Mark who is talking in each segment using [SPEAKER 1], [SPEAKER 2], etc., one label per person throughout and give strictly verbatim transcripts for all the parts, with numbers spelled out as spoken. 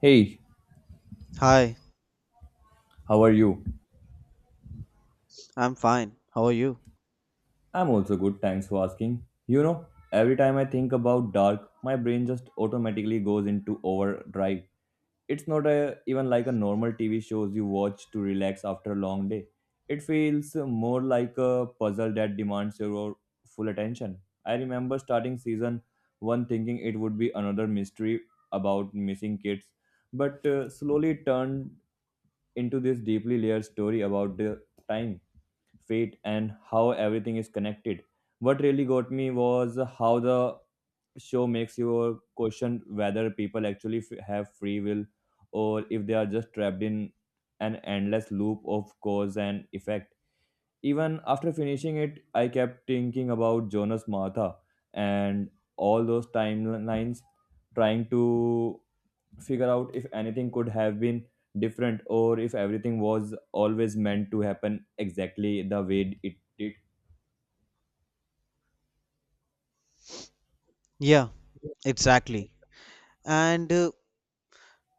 [SPEAKER 1] Hey,
[SPEAKER 2] Hi,
[SPEAKER 1] how are you?
[SPEAKER 2] I'm fine. How are you?
[SPEAKER 1] I'm also good, thanks for asking. You know, every time I think about dark, my brain just automatically goes into overdrive. It's not a, even like a normal T V shows you watch to relax after a long day. It feels more like a puzzle that demands your full attention. I remember starting season one thinking it would be another mystery about missing kids, but uh, slowly it turned into this deeply layered story about the time fate and how everything is connected. What really got me was how the show makes you question whether people actually f- have free will or if they are just trapped in an endless loop of cause and effect. Even after finishing it, I kept thinking about Jonas Martha and all those timelines trying to figure out if anything could have been different or if everything was always meant to happen exactly the way it did.
[SPEAKER 2] Yeah, exactly. And uh,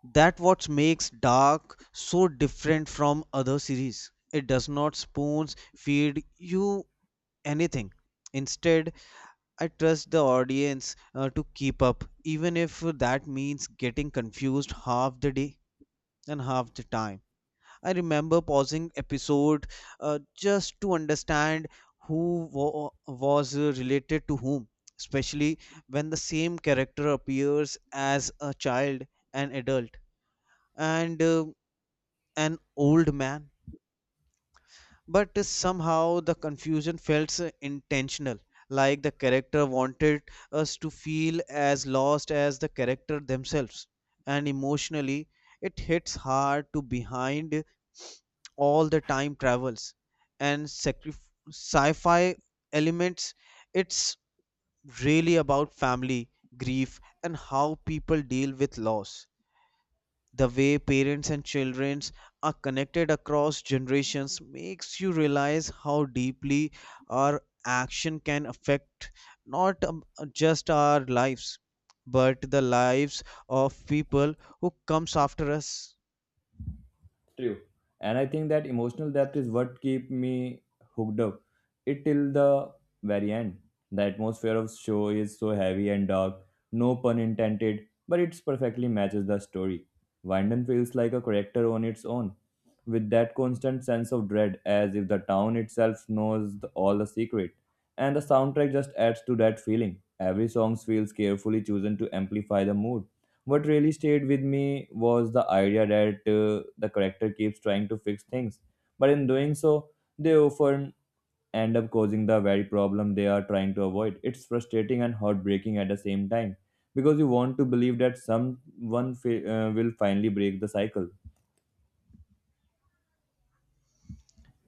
[SPEAKER 2] that what makes Dark so different from other series. It does not spoons feed you anything. Instead, I trust the audience uh, to keep up, even if that means getting confused half the day and half the time. I remember pausing episode uh, just to understand who wa- was uh, related to whom, especially when the same character appears as a child, an adult, and uh, an old man. But somehow the confusion felt uh, intentional, like the character wanted us to feel as lost as the character themselves. And emotionally, it hits hard to behind all the time travels and sacrif- sci-fi elements. It's really about family, grief, and how people deal with loss. The way parents and children are connected across generations makes you realize how deeply our action can affect not um, just our lives but the lives of people who comes after us.
[SPEAKER 1] True. And I think that emotional depth is what keep me hooked up. It till the very end. The atmosphere of show is so heavy and dark, no pun intended, but it perfectly matches the story. Wyndon feels like a character on its own, with that constant sense of dread, as if the town itself knows the, all the secret. And the soundtrack just adds to that feeling. Every song feels carefully chosen to amplify the mood. What really stayed with me was the idea that uh, the character keeps trying to fix things, but in doing so, they often end up causing the very problem they are trying to avoid. It's frustrating and heartbreaking at the same time because you want to believe that someone fi- uh, will finally break the cycle.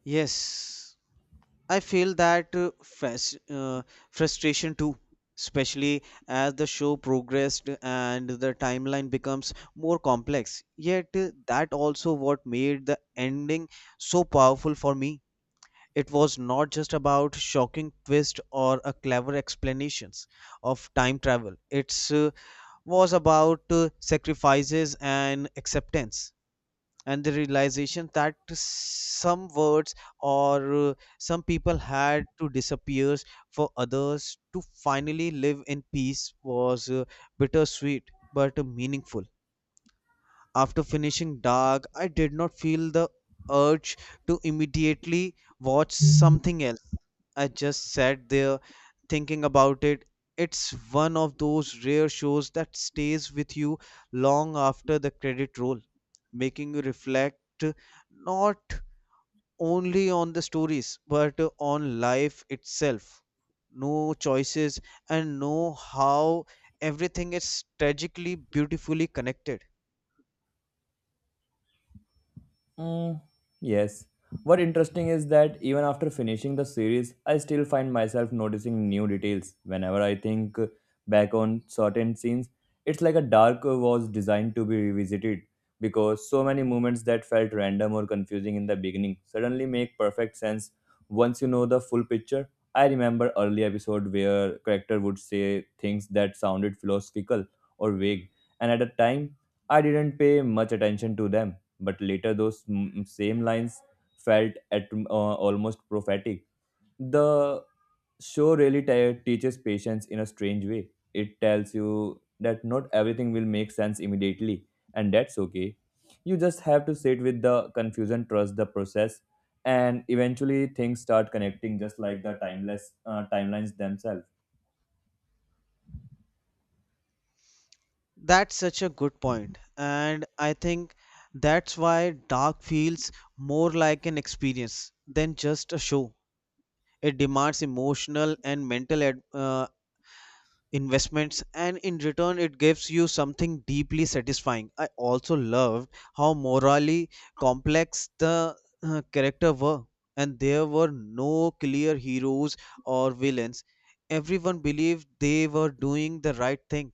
[SPEAKER 2] Yes, I feel that uh, fas- uh, frustration too, especially as the show progressed and the timeline becomes more complex. Yet, uh, that also what made the ending so powerful for me. It was not just about shocking twist or a clever explanations of time travel. It's uh, was about uh, sacrifices and acceptance, and the realization that some words or uh, some people had to disappear for others to finally live in peace was uh, bittersweet but meaningful. After finishing Dark, I did not feel the urge to immediately watch something else. I just sat there thinking about it. It's one of those rare shows that stays with you long after the credit roll, making you reflect not only on the stories but on life itself. No choices, and know how everything is tragically beautifully connected.
[SPEAKER 1] Mm, yes. What interesting is that even after finishing the series, I still find myself noticing new details. Whenever I think back on certain scenes, it's like a dark was designed to be revisited because so many moments that felt random or confusing in the beginning suddenly make perfect sense once you know the full picture. I remember early episode where character would say things that sounded philosophical or vague, and at the time I didn't pay much attention to them but later those mm, same lines felt at uh, almost prophetic. The show really te- teaches patience in a strange way. It tells you that not everything will make sense immediately and that's okay. You just have to sit with the confusion trust the process and eventually things start connecting just like the timeless uh, timelines themselves.
[SPEAKER 2] That's such a good point, and I think that's why Dark feels more like an experience than just a show. It demands emotional and mental ad- uh, investments, and in return it gives you something deeply satisfying. I also loved how morally complex the uh, character were, and there were no clear heroes or villains. Everyone believed they were doing the right thing,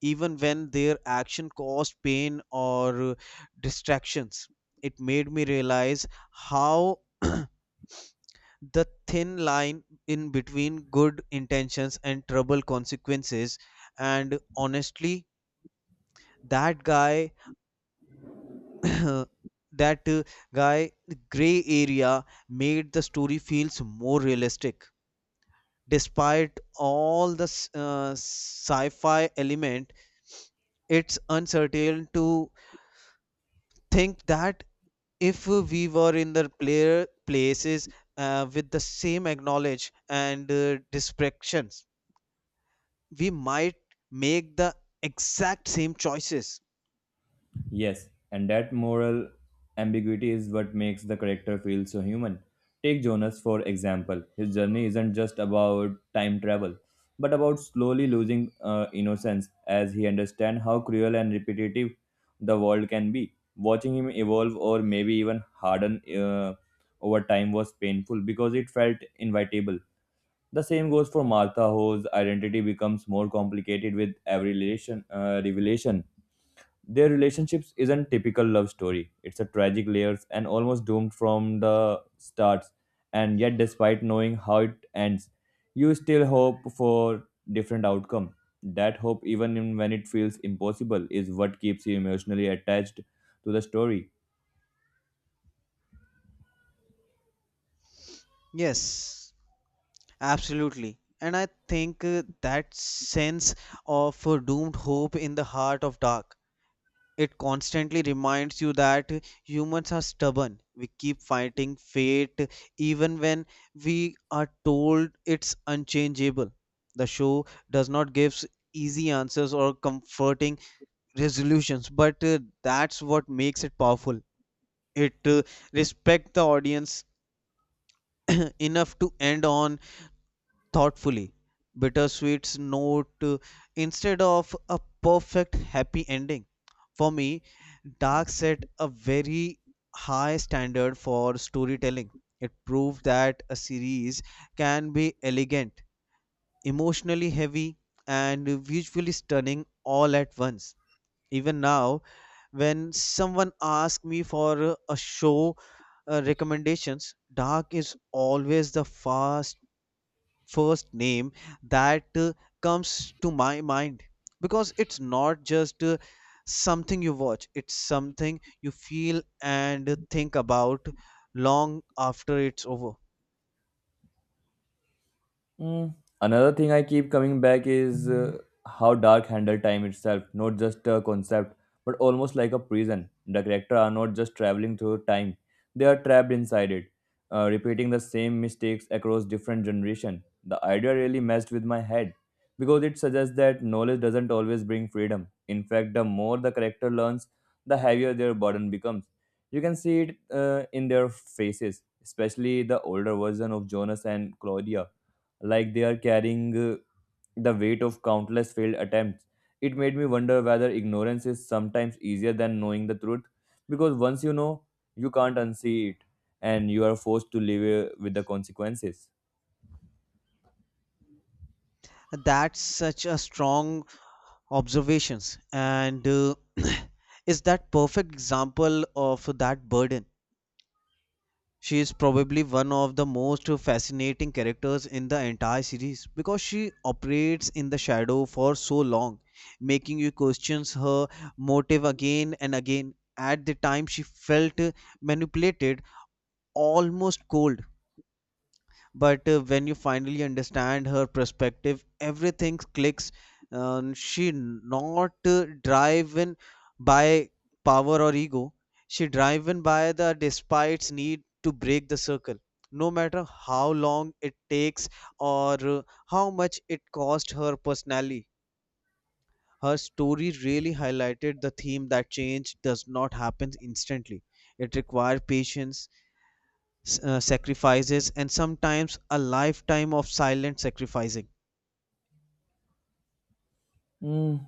[SPEAKER 2] even when their action caused pain or uh, distractions. It made me realize how the thin line in between good intentions and trouble consequences. And honestly, that guy, that uh, guy, gray area made the story feels more realistic despite all the s- uh, sci-fi element. It's uncertain to think that if we were in the player places, uh, with the same acknowledge and uh, distractions, we might make the exact same choices.
[SPEAKER 1] Yes, and that moral ambiguity is what makes the character feel so human. Take Jonas, for example. His journey isn't just about time travel, but about slowly losing uh, innocence as he understands how cruel and repetitive the world can be. Watching him evolve or maybe even harden uh, over time was painful because it felt inevitable. The same goes for Martha, whose identity becomes more complicated with every relation, uh, revelation. Their relationships isn't typical love story. It's a tragic layers and almost doomed from the starts. And yet despite knowing how it ends, you still hope for different outcome. That hope even in- when it feels impossible is what keeps you emotionally attached to the story.
[SPEAKER 2] Yes, absolutely. And I think uh, that sense of uh, doomed hope in the heart of dark, it constantly reminds you that uh, humans are stubborn. We keep fighting fate uh, even when we are told it's unchangeable. The show does not give s- easy answers or comforting resolutions, but uh, that's what makes it powerful. it uh, respect the audience enough to end on thoughtfully bittersweet's note, uh, instead of a perfect happy ending. For me, dark set a very high standard for storytelling. It proved that a series can be elegant, emotionally heavy, and visually stunning all at once. Even now, when someone asks me for uh, a show uh, recommendations, dark is always the fast first name that uh, comes to my mind, because it's not just uh, something you watch, it's something you feel and think about long after it's over.
[SPEAKER 1] Mm. Another thing I keep coming back is uh, how Dark handled time itself, not just a concept, but almost like a prison. The characters are not just traveling through time, they are trapped inside it, uh, repeating the same mistakes across different generations. The idea really messed with my head because it suggests that knowledge doesn't always bring freedom. In fact, the more the character learns, the heavier their burden becomes. You can see it uh, in their faces, especially the older version of Jonas and Claudia like they are carrying uh, the weight of countless failed attempts. It made me wonder whether ignorance is sometimes easier than knowing the truth, because once you know, you can't unsee it, and you are forced to live uh, with the consequences.
[SPEAKER 2] That's such a strong observations, and uh, is that perfect example of that burden. She is probably one of the most fascinating characters in the entire series because she operates in the shadow for so long, making you question her motive again and again. At the time, she felt manipulated, almost cold, but uh, when you finally understand her perspective everything clicks. Um, she not uh, driven by power or ego, she driven by the despite's need to break the circle, no matter how long it takes or uh, how much it cost her personally. Her story really highlighted the theme that change does not happen instantly. It requires patience, uh, sacrifices, and sometimes a lifetime of silent sacrificing.
[SPEAKER 1] Mm,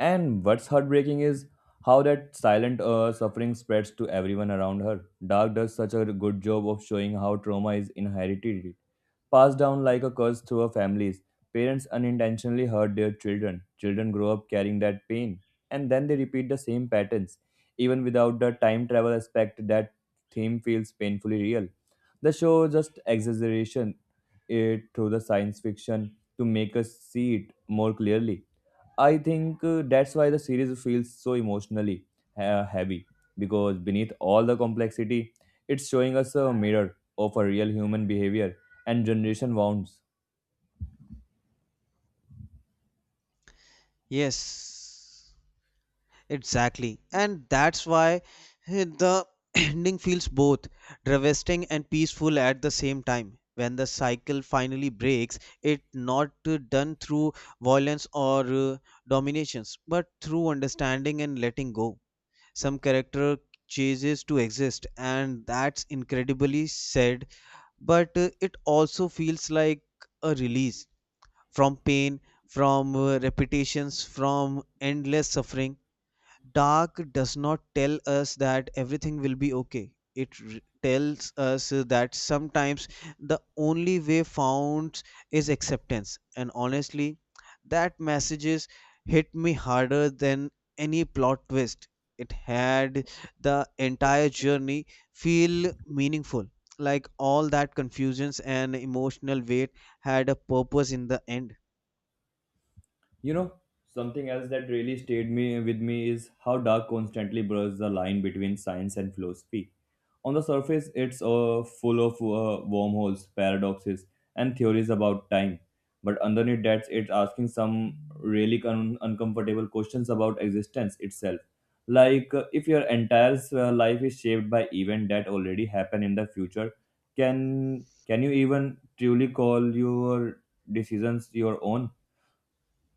[SPEAKER 1] and what's heartbreaking is how that silent uh, suffering spreads to everyone around her. Dark does such a good job of showing how trauma is inherited passed down like a curse through our families. Parents unintentionally hurt their children. Children grow up carrying that pain, and then they repeat the same patterns. Even without the time travel aspect, that theme feels painfully real. The show just exaggeration it through the science fiction to make us see it more clearly. I think uh, that's why the series feels so emotionally uh, heavy because beneath all the complexity, it's showing us a mirror of a real human behavior and generation wounds.
[SPEAKER 2] Yes, exactly. And that's why eh, the ending feels both devastating and peaceful at the same time. When the cycle finally breaks, it not uh, done through violence or uh, dominations, but through understanding and letting go. Some character chooses to exist, and that's incredibly sad, but uh, it also feels like a release from pain, from uh, repetitions, from endless suffering. Dark does not tell us that everything will be okay. It r- tells us that sometimes the only way found is acceptance. And honestly, that messages hit me harder than any plot twist. It had the entire journey feel meaningful. Like all that confusions and emotional weight had a purpose in the end.
[SPEAKER 1] You know, something else that really stayed me with me is how Dark constantly blurs the line between science and philosophy. On the surface, it's uh, full of uh, wormholes, paradoxes, and theories about time. But underneath that, it's asking some really con- uncomfortable questions about existence itself. Like, uh, if your entire uh, life is shaped by events that already happen in the future, can can you even truly call your decisions your own?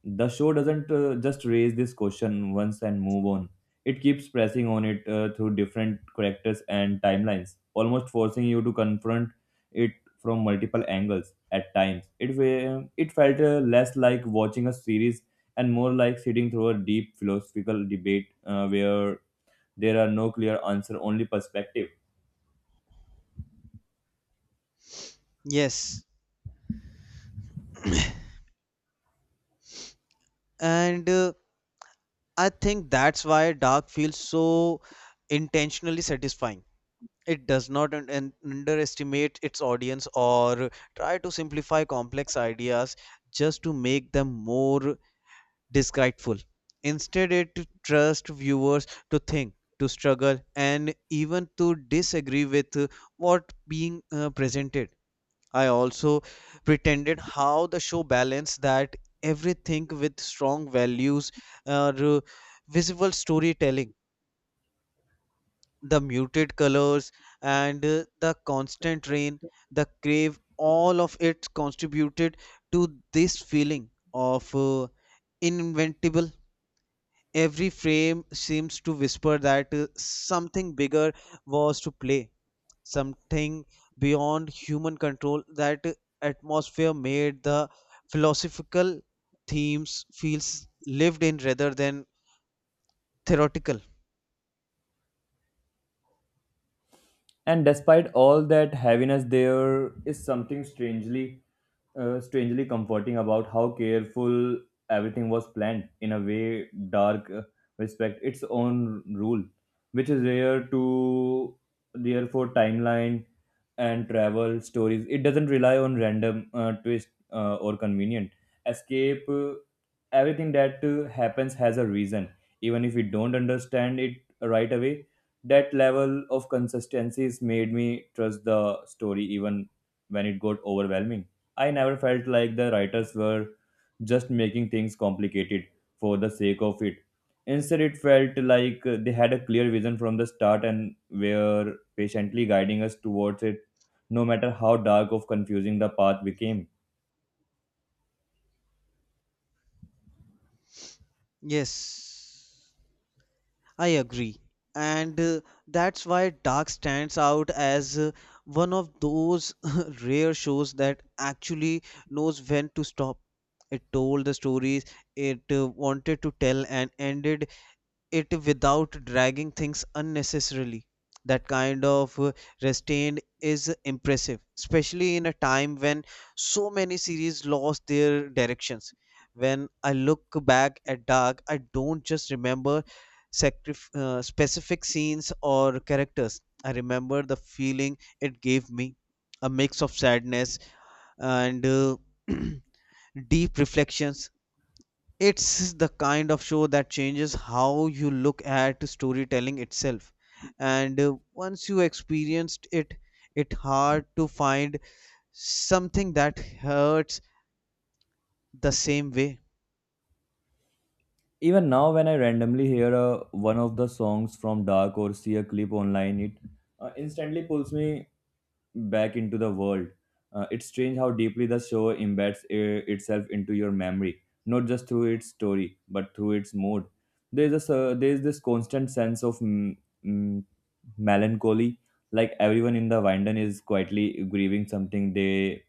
[SPEAKER 1] The show doesn't uh, just raise this question once and move on. It keeps pressing on it uh, through different characters and timelines almost forcing you to confront it from multiple angles. At times it fe- it felt uh, less like watching a series and more like sitting through a deep philosophical debate uh, where there are no clear answer only perspective.
[SPEAKER 2] Yes. And uh, I think that's why Dark feels so intentionally satisfying. It does not un- un- underestimate its audience or try to simplify complex ideas just to make them more disgraceful. Instead, it trusts viewers to think, to struggle, and even to disagree with what being uh, presented. I also pretended how the show balanced that everything with strong values, uh, r- visible storytelling, the muted colors, and uh, the constant rain, the crave, all of it contributed to this feeling of uh, inventable. Every frame seems to whisper that uh, something bigger was to play, something beyond human control. That atmosphere made the philosophical themes feels lived in rather than theoretical.
[SPEAKER 1] And despite all that heaviness, there is something strangely, uh, strangely comforting about how careful everything was planned. In a way, dark uh, respect its own rule, which is rare to rare for timeline and travel stories. It doesn't rely on random uh, twist uh, or convenient escape. Uh, everything that uh, happens has a reason, even if we don't understand it right away. That level of consistencies made me trust the story even when it got overwhelming. I never felt like the writers were just making things complicated for the sake of it. Instead, it felt like uh, they had a clear vision from the start and were patiently guiding us towards it, no matter how dark or confusing the path became.
[SPEAKER 2] Yes, I agree. And uh, that's why Dark stands out as uh, one of those rare shows that actually knows when to stop. It told the stories it uh, wanted to tell and ended it without dragging things unnecessarily. That kind of uh, restraint is impressive, especially in a time when so many series lost their directions. When I look back at Dark, I don't just remember sacrif- uh, specific scenes or characters. I remember the feeling it gave me, a mix of sadness and uh, deep reflections. It's the kind of show that changes how you look at storytelling itself. And uh, once you experienced it, it's hard to find something that hurts the same way.
[SPEAKER 1] Even now, when I randomly hear uh, one of the songs from Dark or see a clip online, it uh, instantly pulls me back into the world. Uh, it's strange how deeply the show embeds uh, itself into your memory, not just through its story, but through its mood. There's a s- there's this constant sense of mm, mm, melancholy, like everyone in the Winden is quietly grieving something they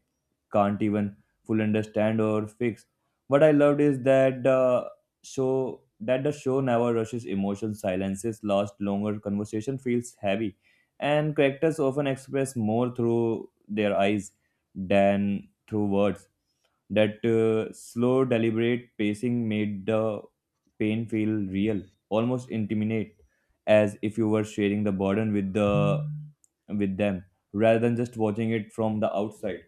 [SPEAKER 1] can't even fully understand or fix. What I loved is that the show that the show never rushes emotion, silences, last longer, conversation feels heavy and characters often express more through their eyes than through words. That uh, slow, deliberate pacing made the pain feel real, almost intimate, as if you were sharing the burden with the with them, rather than just watching it from the outside.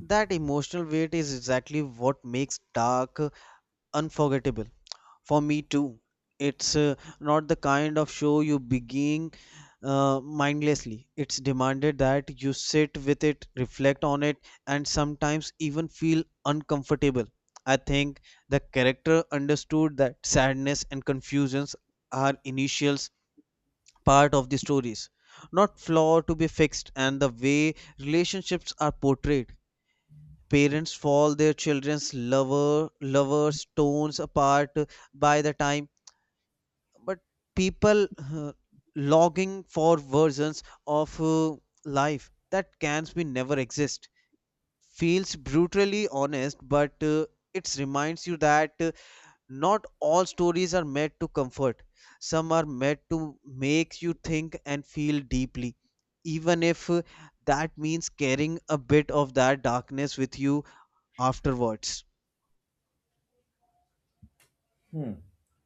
[SPEAKER 2] That emotional weight is exactly what makes Dark uh, unforgettable. For me too. It's uh, not the kind of show you begin uh, mindlessly. It's demanded that you sit with it, reflect on it, and sometimes even feel uncomfortable. I think the character understood that sadness and confusions are initials part of the stories, not flaw to be fixed, and the way relationships are portrayed. Parents fall their children's lover lovers tones apart by the time, but people uh, logging for versions of uh, life that can be never exist feels brutally honest, but uh, it reminds you that uh, not all stories are meant to comfort. Some are meant to make you think and feel deeply, even if uh, that means carrying a bit of that darkness with you afterwards.
[SPEAKER 1] Hmm.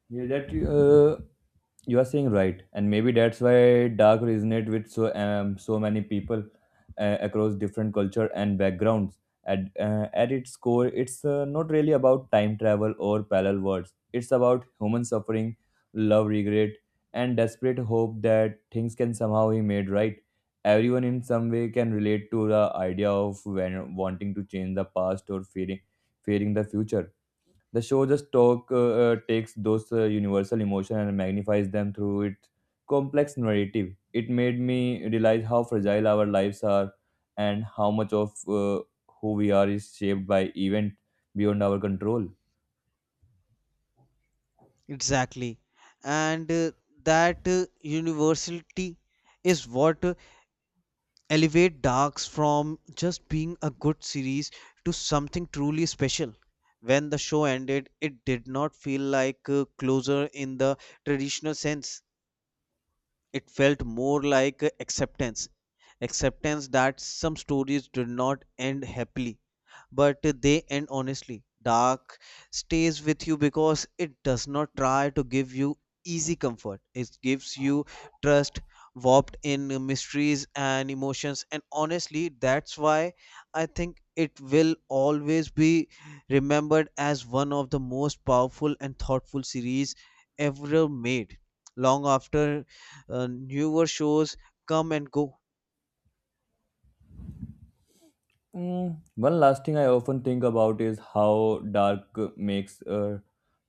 [SPEAKER 1] Yeah, that uh, you are saying right, and maybe that's why dark resonate with so um, so many people uh, across different culture and backgrounds. At uh, at its core, it's uh, not really about time travel or parallel worlds. It's about human suffering, love, regret, and desperate hope that things can somehow be made right. Everyone in some way can relate to the idea of when wanting to change the past or fearing fearing the future. The show just talk uh, uh, takes those uh, universal emotion and magnifies them through its complex narrative. It made me realize how fragile our lives are and how much of uh, who we are is shaped by event beyond our control.
[SPEAKER 2] Exactly. And uh, that uh, universality is what uh, elevate Darks from just being a good series to something truly special. When the show ended, it did not feel like uh, closure in the traditional sense. It felt more like uh, acceptance. Acceptance that some stories did not end happily, but they end honestly. Dark stays with you because it does not try to give you easy comfort. It gives you trust warped in mysteries and emotions, and honestly that's why I think it will always be remembered as one of the most powerful and thoughtful series ever made, long after uh, newer shows come and go.
[SPEAKER 1] Mm, one last thing I often think about is how dark uh, makes uh,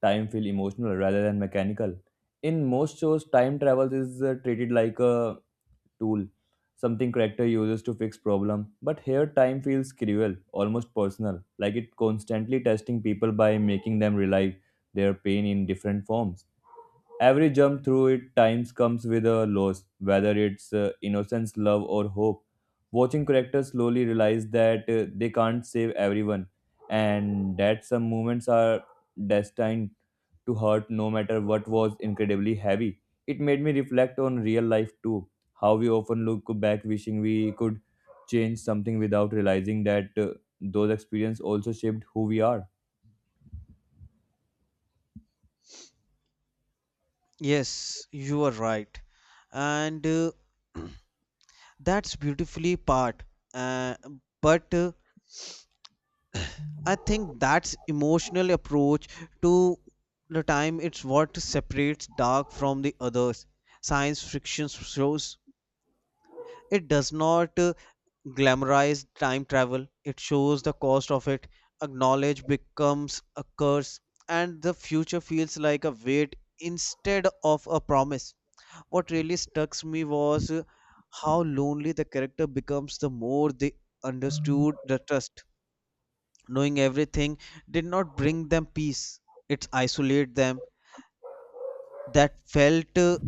[SPEAKER 1] time feel emotional rather than mechanical. In most shows, time travel is uh, treated like a tool, something character uses to fix problem. But here time feels cruel, almost personal, like it constantly testing people by making them relive their pain in different forms. Every jump through it times comes with a loss, whether it's uh, innocence, love, or hope. Watching characters slowly realize that uh, they can't save everyone and that some moments are destined to hurt no matter what was incredibly heavy. It made me reflect on real life too, how we often look back wishing we could change something without realizing that uh, those experiences also shaped who we are.
[SPEAKER 2] Yes, you are right. And uh, that's beautifully part, uh, but uh, I think that's emotional approach to the time. It's what separates dark from the others. Science fiction shows, it does not uh, glamorize time travel. It shows the cost of it. Acknowledge becomes a curse, and the future feels like a weight instead of a promise. What really struck me was uh, how lonely the character becomes the more they understood the trust. Knowing everything did not bring them peace, it isolated them. That felt uh,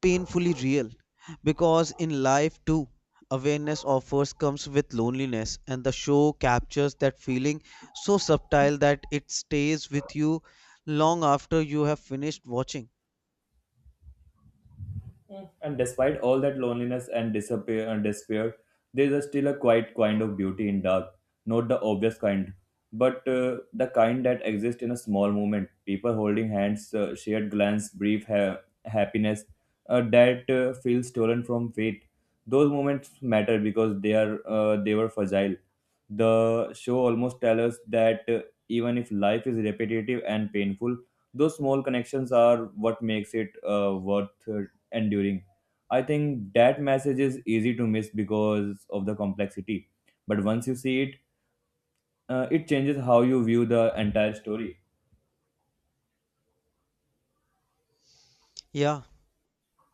[SPEAKER 2] painfully real, because in life too awareness offers comes with loneliness, and the show captures that feeling so subtle that it stays with you long after you have finished watching.
[SPEAKER 1] Mm. And despite all that loneliness and disappear and despair, there is still a quiet kind of beauty in dark, not the obvious kind, but uh, the kind that exists in a small moment. People holding hands, uh, shared glance, brief ha- happiness uh, that uh, feels stolen from fate. Those moments matter because they are uh, they were fragile. The show almost tells us that uh, even if life is repetitive and painful, those small connections are what makes it uh, worth enduring. I think that message is easy to miss because of the complexity. But once you see it, uh, it changes how you view the entire story.
[SPEAKER 2] Yeah,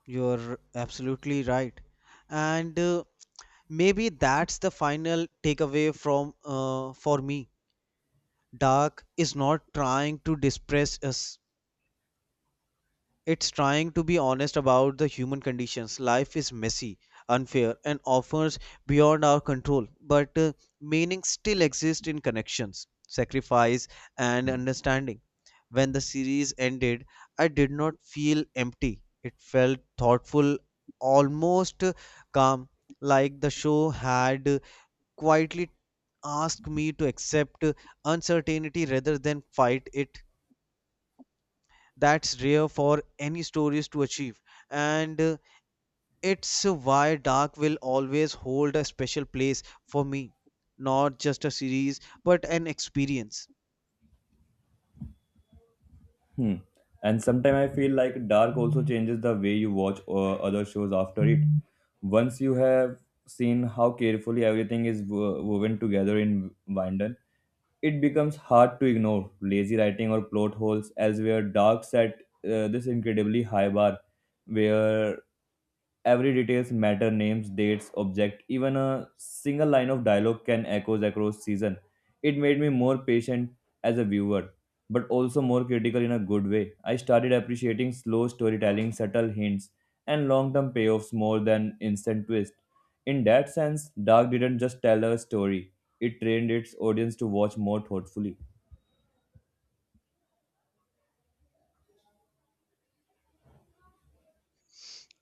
[SPEAKER 2] you're absolutely right, and uh, maybe that's the final takeaway from uh, for me. Dark is not trying to depress us. It's trying to be honest about the human conditions. Life is messy, unfair, and offers beyond our control. But uh, meaning still exists in connections, sacrifice, and understanding. When the series ended, I did not feel empty. It felt thoughtful, almost uh, calm, like the show had quietly asked me to accept uncertainty rather than fight it. That's rare for any stories to achieve, and uh, it's why Dark will always hold a special place for me. Not just a series, but an experience.
[SPEAKER 1] Hmm. And sometimes I feel like Dark also changes the way you watch uh, other shows after it. Once you have seen how carefully everything is wo- woven together in Winden, it becomes hard to ignore lazy writing or plot holes as where Dark set uh, this incredibly high bar where every details matter names, dates, object, even a single line of dialogue can echoes across season. It made me more patient as a viewer, but also more critical in a good way. I started appreciating slow storytelling, subtle hints, and long-term payoffs more than instant twists. In that sense, Dark didn't just tell a story, it trained its audience to watch more thoughtfully.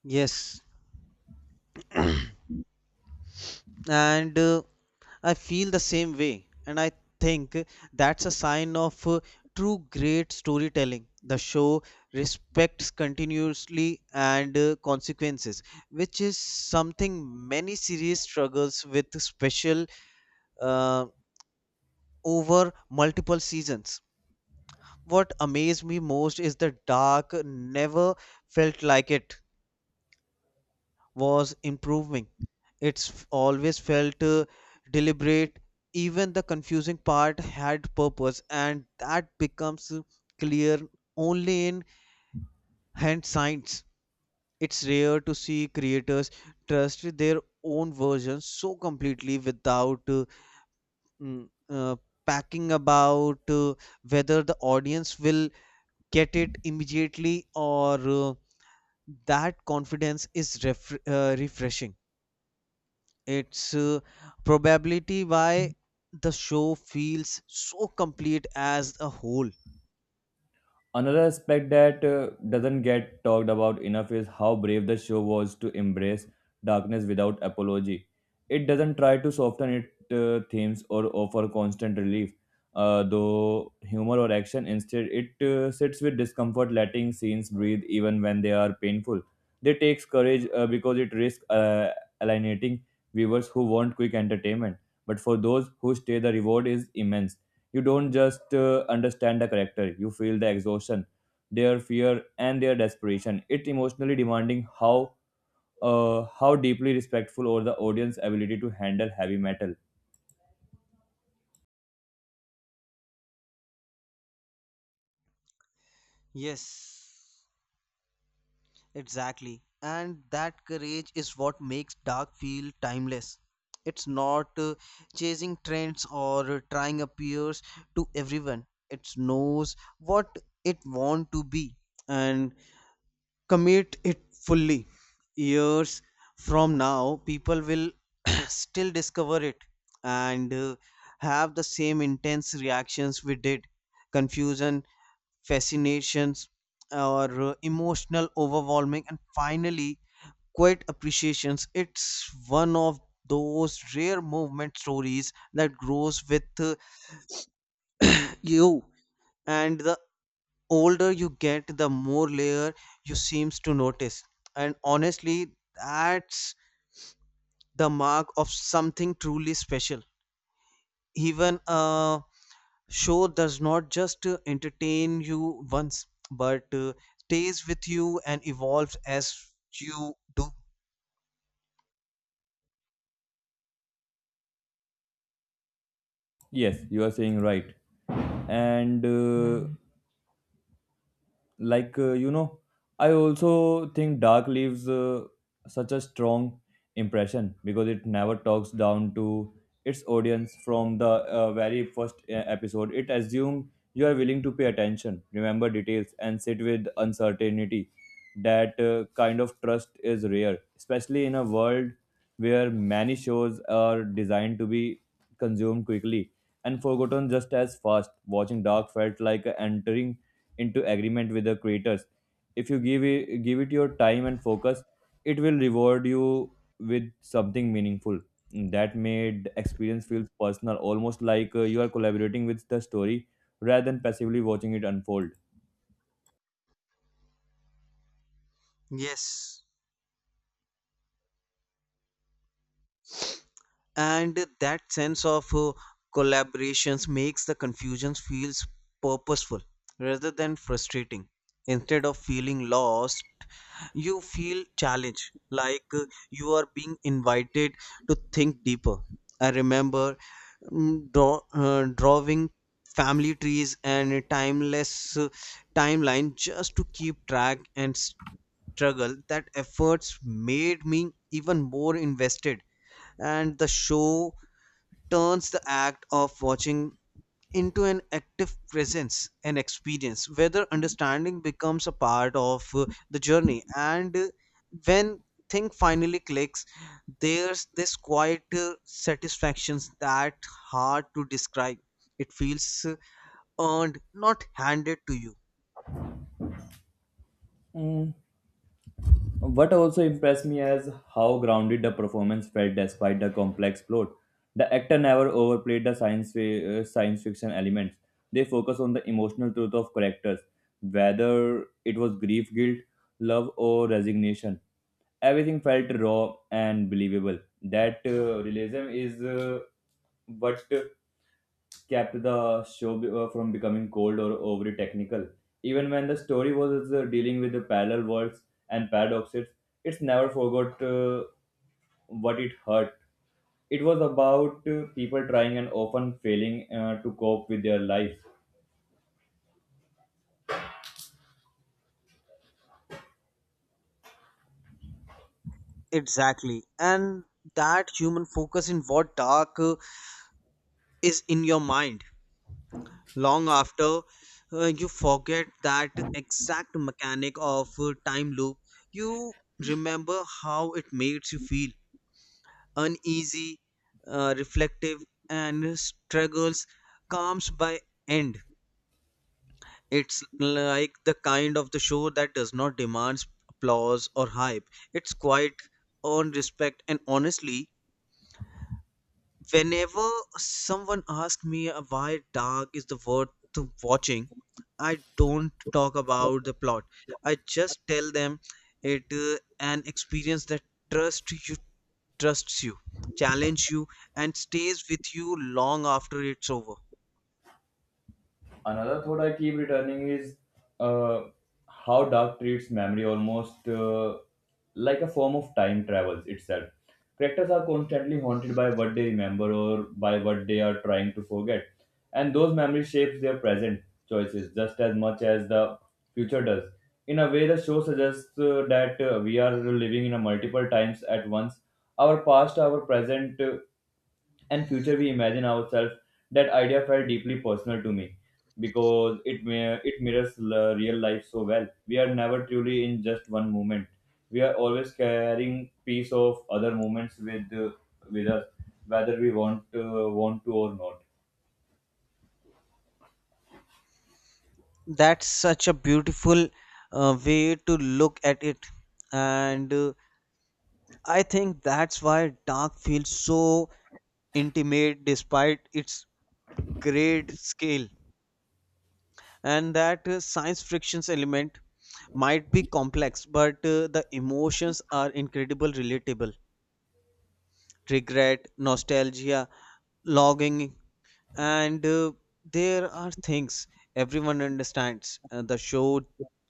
[SPEAKER 2] Yes, and uh, I feel the same way and I think that's a sign of uh, true great storytelling. The show respects continuously and uh, consequences, which is something many series struggles with special uh, over multiple seasons. What amazed me most is the dark never felt like it was improving. It's always felt uh, deliberate. Even the confusing part had purpose, and that becomes uh, clear only in hand signs. It's rare to see creators trust their own versions so completely without uh, mm, uh, packing about uh, whether the audience will get it immediately or uh, that confidence is ref- uh, refreshing. It's uh, probability why the show feels so complete as a whole.
[SPEAKER 1] Another aspect that uh, doesn't get talked about enough is how brave the show was to embrace darkness without apology. It doesn't try to soften its uh, themes or offer constant relief, uh, though humor or action. Instead, it uh, sits with discomfort, letting scenes breathe even when they are painful. They takes courage uh, because it risks uh, alienating viewers who want quick entertainment. But for those who stay, the reward is immense. You don't just uh, understand the character, you feel the exhaustion, their fear, and their desperation. It emotionally demanding how uh, how deeply respectful or the audience ability to handle heavy metal.
[SPEAKER 2] Yes, exactly. And that courage is what makes dark feel timeless. It's not uh, chasing trends or uh, trying appears to everyone. It knows what it want to be and commit it fully. Years from now people will still discover it and uh, have the same intense reactions we did: confusion, fascinations, or uh, emotional overwhelming, and finally quiet appreciations. It's one of those rare movement stories that grows with uh, you, and the older you get, the more layer you seems to notice. And honestly, that's the mark of something truly special. Even a show does not just uh, entertain you once, but uh, stays with you and evolves as you do.
[SPEAKER 1] Yes, you are saying right. And uh, like uh, you know I also think dark leaves uh, such a strong impression because it never talks down to its audience from the uh, very first uh, episode it assumes you are willing to pay attention remember details and sit with uncertainty that uh, kind of trust is rare especially in a world where many shows are designed to be consumed quickly and forgotten just as fast. Watching Dark felt like entering into agreement with the creators. If you give it, give it your time and focus, it will reward you with something meaningful. That made experience feel personal, almost like uh, you are collaborating with the story rather than passively watching it unfold.
[SPEAKER 2] Yes. And that sense of uh, collaborations makes the confusions feels purposeful rather than frustrating. Instead of feeling lost, you feel challenged, like uh, you are being invited to think deeper. I remember mm, draw, uh, drawing family trees and a timeless uh, timeline just to keep track and struggle. That efforts made me even more invested, and the show turns the act of watching into an active presence and experience, whether understanding becomes a part of uh, the journey. And uh, when thing finally clicks, there's this quiet uh, satisfactions that hard to describe. It feels uh, earned, not handed to you.
[SPEAKER 1] Mm. What also impressed me is how grounded the performance felt despite the complex plot. The actor never overplayed the science fi- uh, science fiction elements. They focus on the emotional truth of characters, whether it was grief, guilt, love, or resignation. Everything felt raw and believable. That uh, realism is uh, what kept the show be- uh, from becoming cold or overly technical. Even when the story was uh, dealing with the parallel worlds and paradoxes, it's never forgot uh, what it hurt. It was about uh, people trying and often failing uh, to cope with their life.
[SPEAKER 2] Exactly, and that human focus in what dark uh, is in your mind long after uh, you forget that exact mechanic of uh, time loop. You remember how it makes you feel uneasy, uh, reflective, and struggles. Calms by end, it's like the kind of the show that does not demand applause or hype. It's quite on respect, and honestly, whenever someone asks me uh, why dark is the worth to watching, I don't talk about the plot. I just tell them it uh, an experience that trust you trusts you, challenge you, and stays with you long after it's over.
[SPEAKER 1] Another thought I keep returning is uh, how dark treats memory almost uh, like a form of time travels itself. Characters are constantly haunted by what they remember or by what they are trying to forget, and those memories shapes their present choices just as much as the future does. In a way, the show suggests uh, that uh, we are living in a multiple times at once. Our past, our present, uh, and future we imagine ourselves that idea felt deeply personal to me because it mir- it mirrors l- real life so well we are never truly in just one moment we are always carrying piece of other moments with uh, with us whether we want uh, want to or not.
[SPEAKER 2] That's such a beautiful uh, way to look at it, and uh, I think that's why dark feels so intimate despite its great scale. And that uh, science friction's element might be complex, but uh, the emotions are incredible relatable: regret, nostalgia, longing, and uh, there are things everyone understands. Uh, the show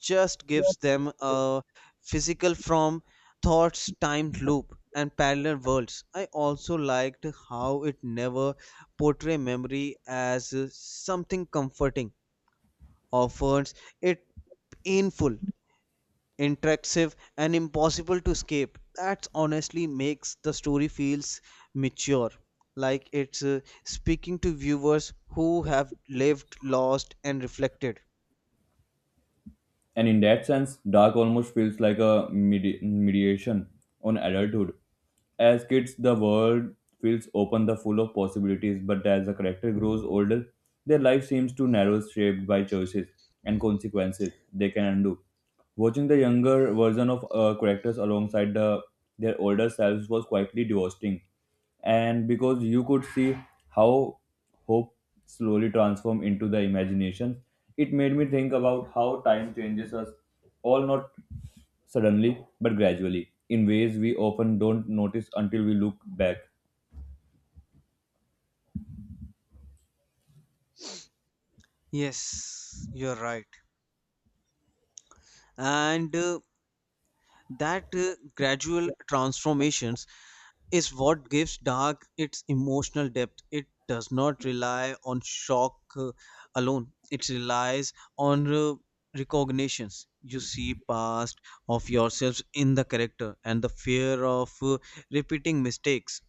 [SPEAKER 2] just gives them a physical from thoughts timed loop and parallel worlds. I also liked how it never portray memory as uh, something comforting, offers it painful, interactive, and impossible to escape. That honestly makes the story feels mature, like it's uh, speaking to viewers who have lived, lost, and reflected.
[SPEAKER 1] And in that sense, dark almost feels like a medi- mediation on adulthood. As kids, the world feels open, the full of possibilities, but as the character grows older, their life seems to narrow, shaped by choices and consequences they can undo. Watching the younger version of uh, characters alongside the, their older selves was quietly devastating, and because you could see how hope slowly transform into the imagination. It made me think about how time changes us, all not suddenly, but gradually, in ways we often don't notice until we look back.
[SPEAKER 2] Yes, you're right. And uh, that uh, gradual transformations is what gives Dark its emotional depth. It does not rely on shock uh, alone, it relies on uh, recognitions. You see past of yourselves in the character, and the fear of uh, repeating mistakes,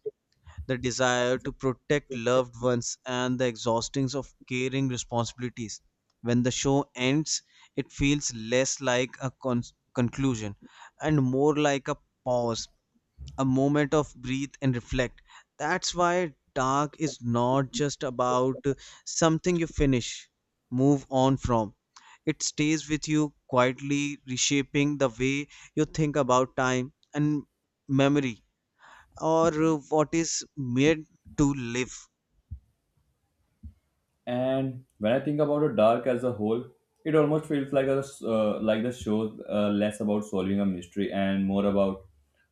[SPEAKER 2] the desire to protect loved ones, and the exhaustings of caring responsibilities. When the show ends, it feels less like a con- conclusion, and more like a pause, a moment of breathe and reflect. That's why Dark is not just about uh, something you finish, move on from. It stays with you quietly, reshaping the way you think about time and memory, or uh, what is made to live.
[SPEAKER 1] And when I think about the dark as a whole, it almost feels like a uh, like the show uh, less about solving a mystery and more about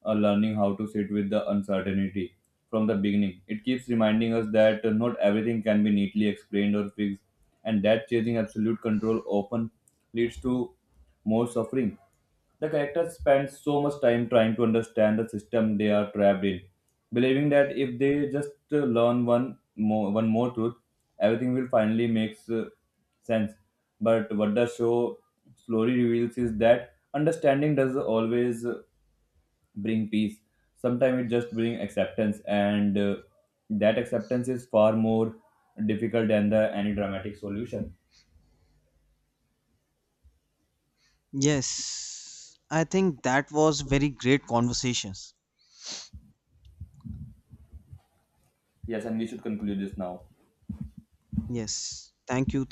[SPEAKER 1] uh, learning how to sit with the uncertainty from the beginning. It keeps reminding us that uh, not everything can be neatly explained or fixed, and that chasing absolute control often leads to more suffering. The characters spend so much time trying to understand the system they are trapped in, believing that if they just uh, learn one more, one more truth, everything will finally make uh, sense. But what the show slowly reveals is that understanding does always bring peace sometimes it just bring acceptance and uh, that acceptance is far more difficult than the any dramatic solution.
[SPEAKER 2] Yes, I think that was very great conversations.
[SPEAKER 1] Yes, and we should conclude this now.
[SPEAKER 2] Yes, thank you. Thank